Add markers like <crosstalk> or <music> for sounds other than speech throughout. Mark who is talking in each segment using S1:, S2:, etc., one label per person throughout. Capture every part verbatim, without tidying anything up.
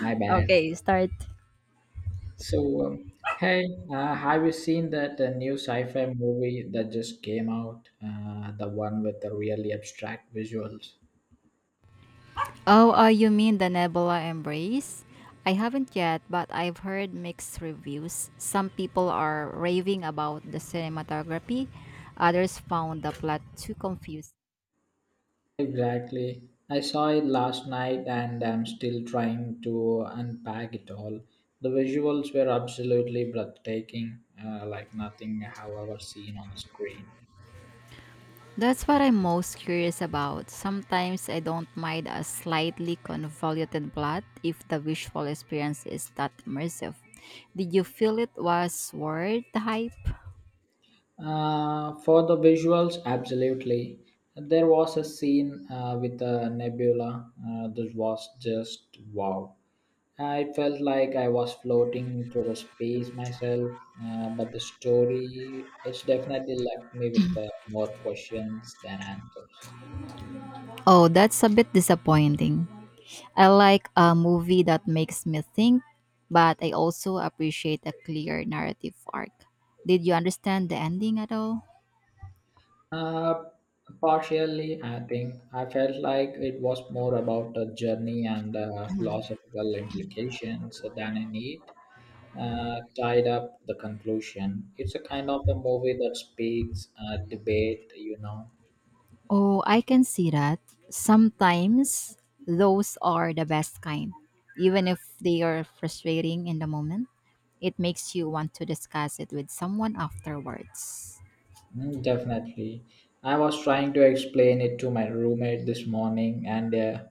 S1: My bad.
S2: Okay, start.
S1: So, um, hey, uh, have you seen that uh, new sci-fi movie that just came out? Uh, the one with the really abstract visuals.
S2: Oh, uh, you mean the Nebula Embrace? I haven't yet, but I've heard mixed reviews. Some people are raving about the cinematography, others found the plot too confusing.
S1: Exactly. I saw it last night and I'm still trying to unpack it all. The visuals were absolutely breathtaking, uh, like nothing I have ever seen on the screen.
S2: That's what I'm most curious about. Sometimes I don't mind a slightly convoluted plot if the visual experience is that immersive. Did you feel it was worth the hype?
S1: Uh, for the visuals, absolutely. There was a scene uh, with a nebula uh, that was just wow. I felt like I was floating through the space myself, uh, but the story, it's definitely left me with uh, more questions than answers.
S2: Oh, that's a bit disappointing. I like a movie that makes me think, but I also appreciate a clear narrative arc. Did you understand the ending at all?
S1: Uh, partially, I think I felt like it was more about the journey and uh, philosophical implications than a need. Uh, tied up the conclusion. It's a kind of a movie that speaks uh, debate, you know.
S2: Oh, I can see that. Sometimes those are the best kind, even if they are frustrating in the moment. It makes you want to discuss it with someone afterwards.
S1: Mm, definitely. I was trying to explain it to my roommate this morning, and uh,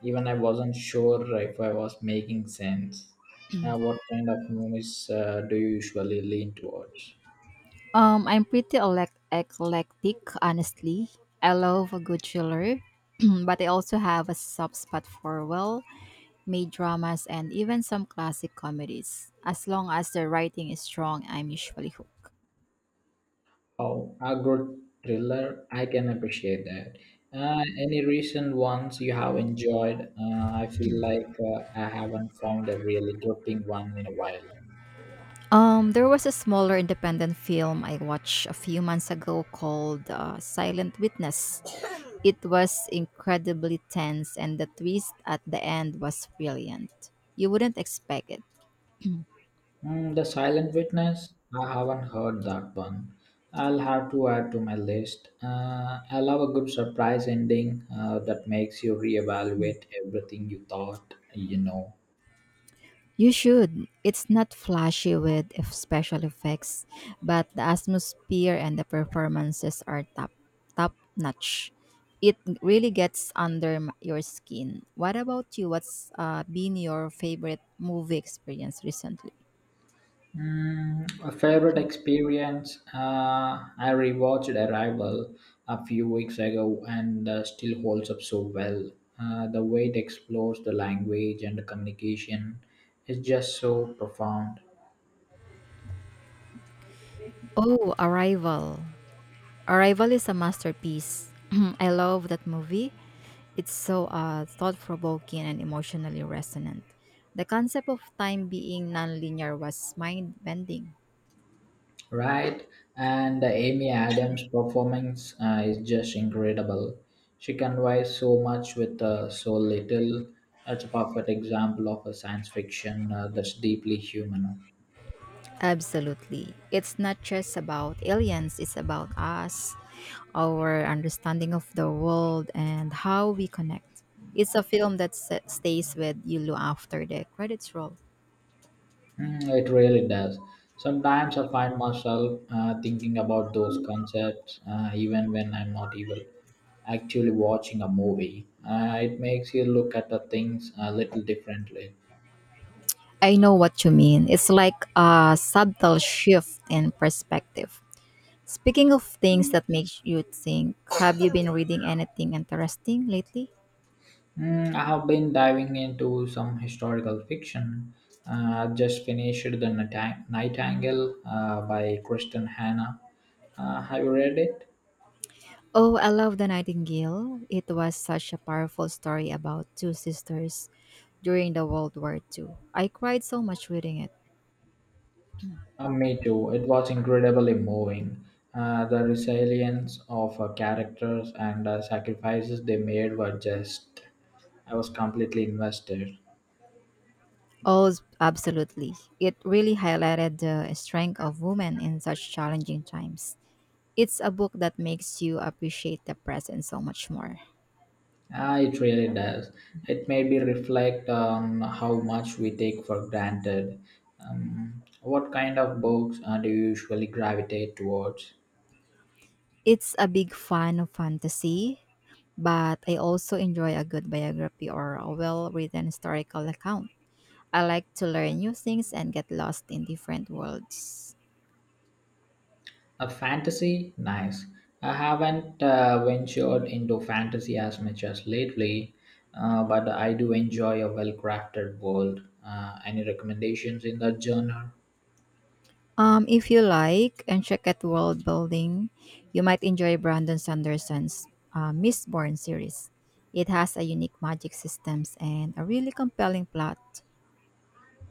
S1: even I wasn't sure if I was making sense. Uh, what kind of movies uh, do you usually lean towards?
S2: Um, I'm pretty elect- eclectic, honestly. I love a good thriller, <clears throat> but I also have a soft spot for well made dramas, and even some classic comedies. As long as the writing is strong, I'm usually hooked.
S1: Oh, agro thriller, I can appreciate that. Uh, any recent ones you have enjoyed? Uh, I feel like uh, I haven't found a really gripping one in a while.
S2: Um, there was a smaller independent film I watched a few months ago called uh, Silent Witness. It was incredibly tense, and the twist at the end was brilliant. You wouldn't expect it.
S1: Hmm, the Silent Witness? I haven't heard that one. I'll have to add to my list. Uh, I love a good surprise ending uh, that makes you reevaluate everything you thought you know.
S2: You should. It's not flashy with f- special effects, but the atmosphere and the performances are top top notch. It really gets under m- your skin. What about you? What's uh, been your favorite movie experience recently?
S1: Mm, a favorite experience. Uh, I rewatched Arrival a few weeks ago and uh, still holds up so well. Uh, the way it explores the language and the communication is just so profound,
S2: Oh, Arrival. Arrival is a masterpiece. <clears throat> I love that movie. It's so uh, thought provoking and emotionally resonant. The concept of time being nonlinear was mind bending.
S1: right? And uh, Amy Adams' performance uh, is just incredible. She conveys so much with uh, so little. That's a perfect example of a science fiction uh, that's deeply human.
S2: Absolutely. It's not just about aliens, it's about us, our understanding of the world, and how we connect. It's a film that s- stays with you lo- after the credits roll.
S1: Mm, it really does. Sometimes I find myself uh, thinking about those concepts uh, even when I'm not evil. Actually, watching a movie, uh, it makes you look at the things a little differently.
S2: I know what you mean. It's like a subtle shift in perspective. Speaking of things that makes you think, have you been reading anything interesting lately?
S1: Mm, I have been diving into some historical fiction. Uh, I've just finished The Nighti- Nightingale uh, by Kristen Hanna. Uh, have you read it?
S2: Oh, I love The Nightingale. It was such a powerful story about two sisters during the World War two. I cried so much reading it.
S1: Uh, me too. It was incredibly moving. Uh, the resilience of uh, characters and uh, sacrifices they made were just. I was completely invested.
S2: Oh, s- absolutely. It really highlighted the strength of women in such challenging times. It's a book that makes you appreciate the present so much more.
S1: Uh, it really does. It made me reflect on how much we take for granted. Um, what kind of books uh, do you usually gravitate towards?
S2: It's a big fan of fantasy, but I also enjoy a good biography or a well written historical account. I like to learn new things and get lost in different worlds.
S1: A fantasy? Nice. I haven't uh, ventured into fantasy as much as lately, uh, but I do enjoy a well crafted world. Uh, any recommendations in that genre?
S2: Um, if you like, and check out world building, you might enjoy Brandon Sanderson's uh, Mistborn series. It has a unique magic systems and a really compelling plot.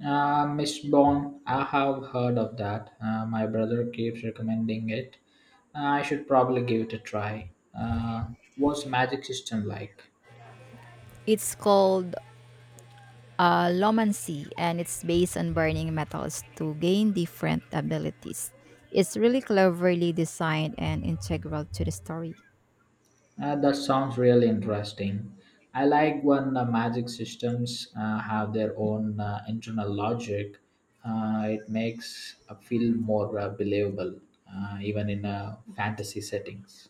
S1: Uh, Miss Bond, I have heard of that. Uh, my brother keeps recommending it. I should probably give it a try. Uh, what's Magic System like?
S2: It's called uh, Lomancy, and it's based on burning metals to gain different abilities. It's really cleverly designed and integral to the story.
S1: Uh, that sounds really interesting. I like when the magic systems uh, have their own uh, internal logic. Uh, it makes a feel more uh, believable, uh, even in uh, fantasy settings.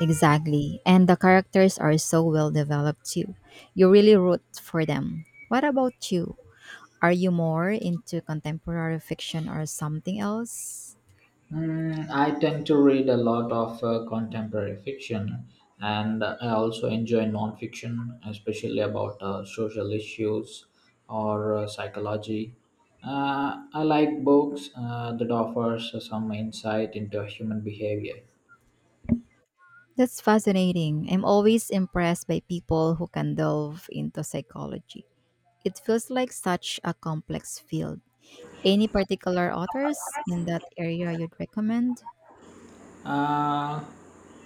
S2: Exactly, and the characters are so well developed too. You really root for them. What about you? Are you more into contemporary fiction or something else?
S1: Mm, I tend to read a lot of uh, contemporary fiction, and I also enjoy nonfiction, especially about uh, social issues or uh, psychology. Uh, I like books uh, that offers some insight into human behavior.
S2: That's fascinating. I'm always impressed by people who can delve into psychology. It feels like such a complex field. Any particular authors in that area you'd recommend?
S1: Uh,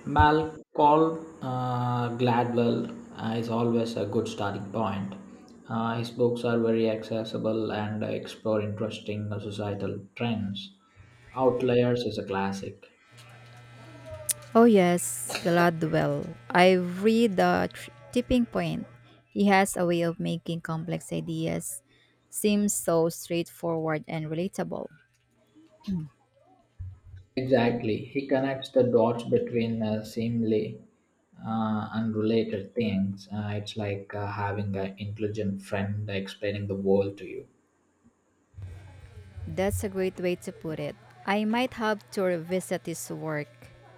S1: Malcolm uh, Gladwell uh, is always a good starting point. Uh, his books are very accessible and explore interesting societal trends. Outliers is a classic.
S2: Oh, yes, Gladwell. I've read The Tr- Tipping Point. He has a way of making complex ideas seem so straightforward and relatable.
S1: Exactly. He connects the dots between uh, seemingly uh, unrelated things. Uh, it's like uh, having an intelligent friend explaining the world to you.
S2: That's a great way to put it. I might have to revisit his work.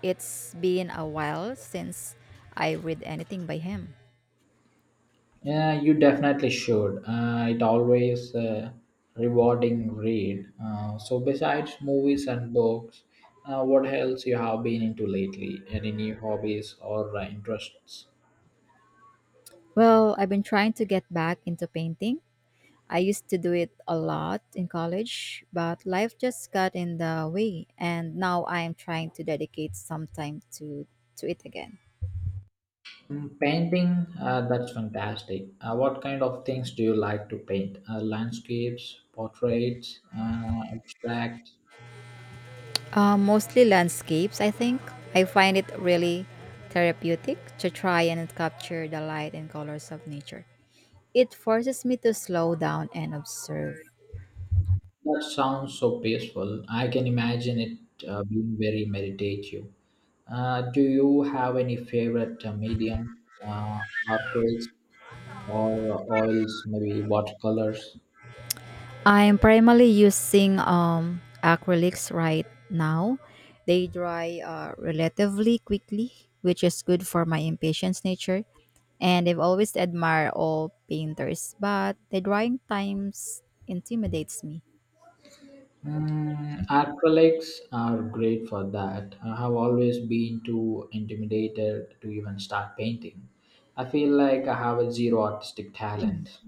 S2: It's been a while since I read anything by him.
S1: Yeah, you definitely should. Uh, it always uh, rewarding read. Uh, so besides movies and books, uh, what else you have been into lately? Any new hobbies or uh, interests?
S2: Well, I've been trying to get back into painting. I used to do it a lot in college, but life just got in the way, and now I am trying to dedicate some time to, to it again.
S1: Mm, painting, uh, that's fantastic. Uh, what kind of things do you like to paint? Uh, landscapes, portraits, uh, abstracts.
S2: Uh, mostly landscapes, I think. I find it really therapeutic to try and capture the light and colors of nature. It forces me to slow down and observe.
S1: That sounds so peaceful. I can imagine it uh, being very meditative. Uh, do you have any favorite uh, medium? Uh, Aquarels or oils, maybe watercolors?
S2: I'm primarily using um, acrylics right now. They dry uh, relatively quickly, which is good for my impatience nature. And I've always admired all painters, but the drying times intimidates me.
S1: Mm, acrylics are great for that. I have always been too intimidated to even start painting. I feel like I have a zero artistic talent.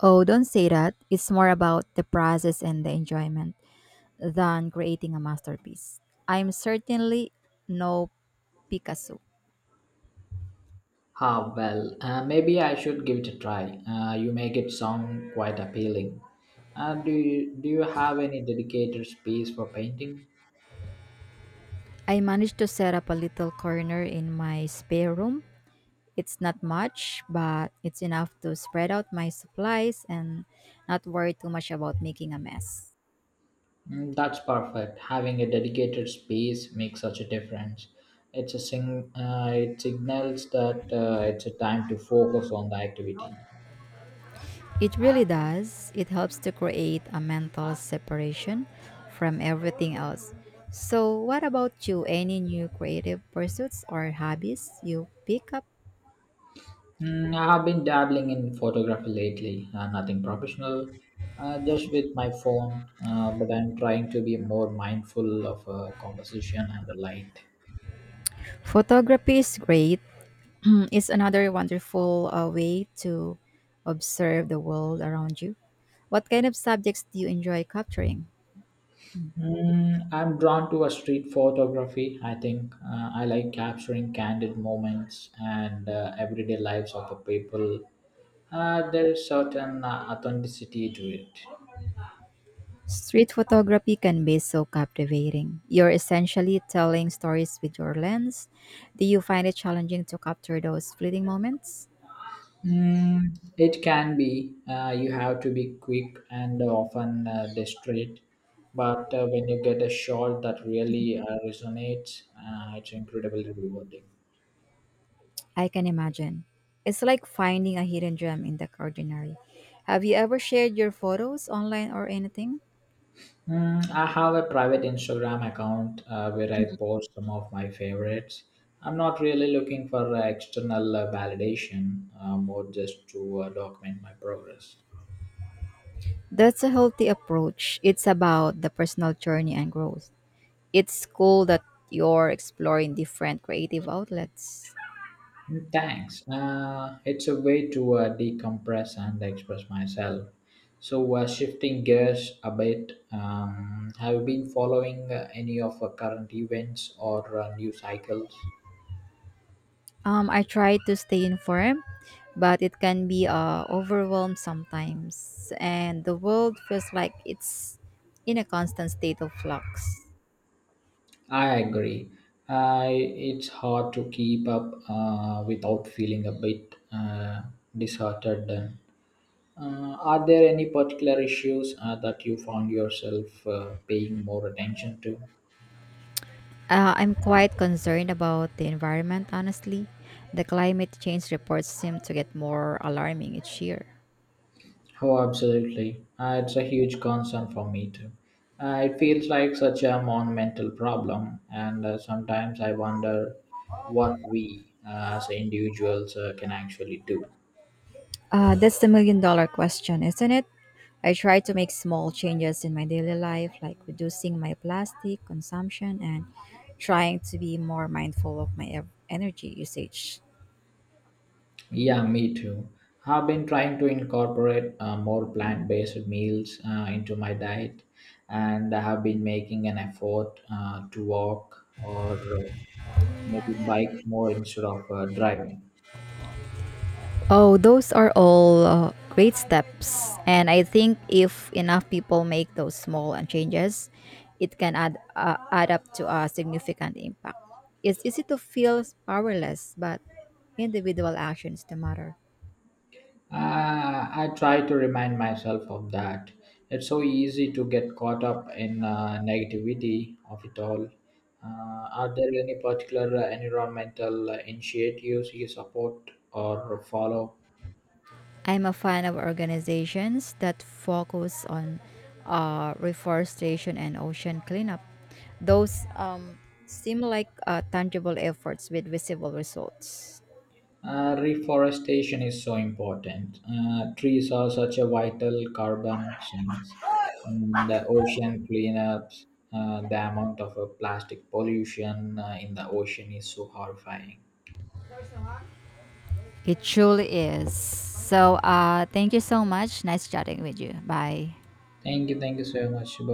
S2: Oh, don't say that. It's more about the process and the enjoyment than creating a masterpiece. I'm certainly no Picasso.
S1: Ah, well, uh, maybe I should give it a try. Uh, you make it sound quite appealing. Uh, do you do you have any dedicated space for painting?
S2: I managed to set up a little corner in my spare room. It's not much, but it's enough to spread out my supplies and not worry too much about making a mess.
S1: Mm, that's perfect. Having a dedicated space makes such a difference. It's a sing. Uh, it signals that uh, it's a time to focus on the activity.
S2: It really does. It helps to create a mental separation from everything else. So, what about you? Any new creative pursuits or hobbies you pick up?
S1: Mm, I have been dabbling in photography lately. Uh, nothing professional, uh, just with my phone. Uh, but I'm trying to be more mindful of uh, composition and the light.
S2: Photography is great. <clears throat> It's another wonderful uh, way to observe the world around you. What kind of subjects do you enjoy capturing?
S1: Mm, I'm drawn to a street photography. I think uh, I like capturing candid moments and uh, everyday lives of the people. Uh, there is certain uh, authenticity to it.
S2: Street photography can be so captivating. You're essentially telling stories with your lens. Do you find it challenging to capture those fleeting moments?
S1: Mm, it can be. Uh, you have to be quick and often uh, desperate. But uh, when you get a shot that really uh, resonates, uh, it's incredibly rewarding.
S2: I can imagine. It's like finding a hidden gem in the ordinary. Have you ever shared your photos online or anything?
S1: Mm, I have a private Instagram account uh, where I post some of my favorites. I'm not really looking for uh, external uh, validation, uh, more just to uh, document my progress.
S2: That's a healthy approach. It's about the personal journey and growth. It's cool that you're exploring different creative outlets.
S1: Mm, thanks. Uh, it's a way to uh, decompress and express myself. So, uh, shifting gears a bit, um, have you been following uh, any of uh, current events or uh, news cycles?
S2: Um, I try to stay informed, but it can be uh, overwhelmed sometimes, and the world feels like it's in a constant state of flux.
S1: I agree. I it's hard to keep up uh, without feeling a bit uh, disheartened. Uh, are there any particular issues uh, that you found yourself uh, paying more attention to?
S2: Uh, I'm quite concerned about the environment, honestly. The climate change reports seem to get more alarming each year.
S1: Oh, absolutely. Uh, it's a huge concern for me too. Uh, it feels like such a monumental problem, and uh, sometimes I wonder what we uh, as individuals uh, can actually do.
S2: Uh, that's the million dollar question, isn't it? I try to make small changes in my daily life, like reducing my plastic consumption and trying to be more mindful of my ev- energy usage.
S1: Yeah, me too. I've been trying to incorporate uh, more plant based meals uh, into my diet, and I have been making an effort uh, to walk or uh, maybe bike more instead of uh, driving.
S2: Oh, those are all uh, great steps. And I think if enough people make those small uh, changes, it can add, uh, add up to a significant impact. It's easy to feel powerless, but individual actions do matter.
S1: Uh, I try to remind myself of that. It's so easy to get caught up in uh, negativity of it all. Uh, are there any particular uh, environmental uh, initiatives you support or follow?
S2: I'm a fan of organizations that focus on uh, reforestation and ocean cleanup. Those um, seem like uh, tangible efforts with visible results.
S1: Uh, reforestation is so important. Uh, trees are such a vital carbon sinks. Mm, the ocean cleanups, uh, the amount of uh, plastic pollution uh, in the ocean is so horrifying.
S2: It truly is. So uh, thank you so much. Nice chatting with you. Bye.
S1: Thank you, thank you so much. Bye bye.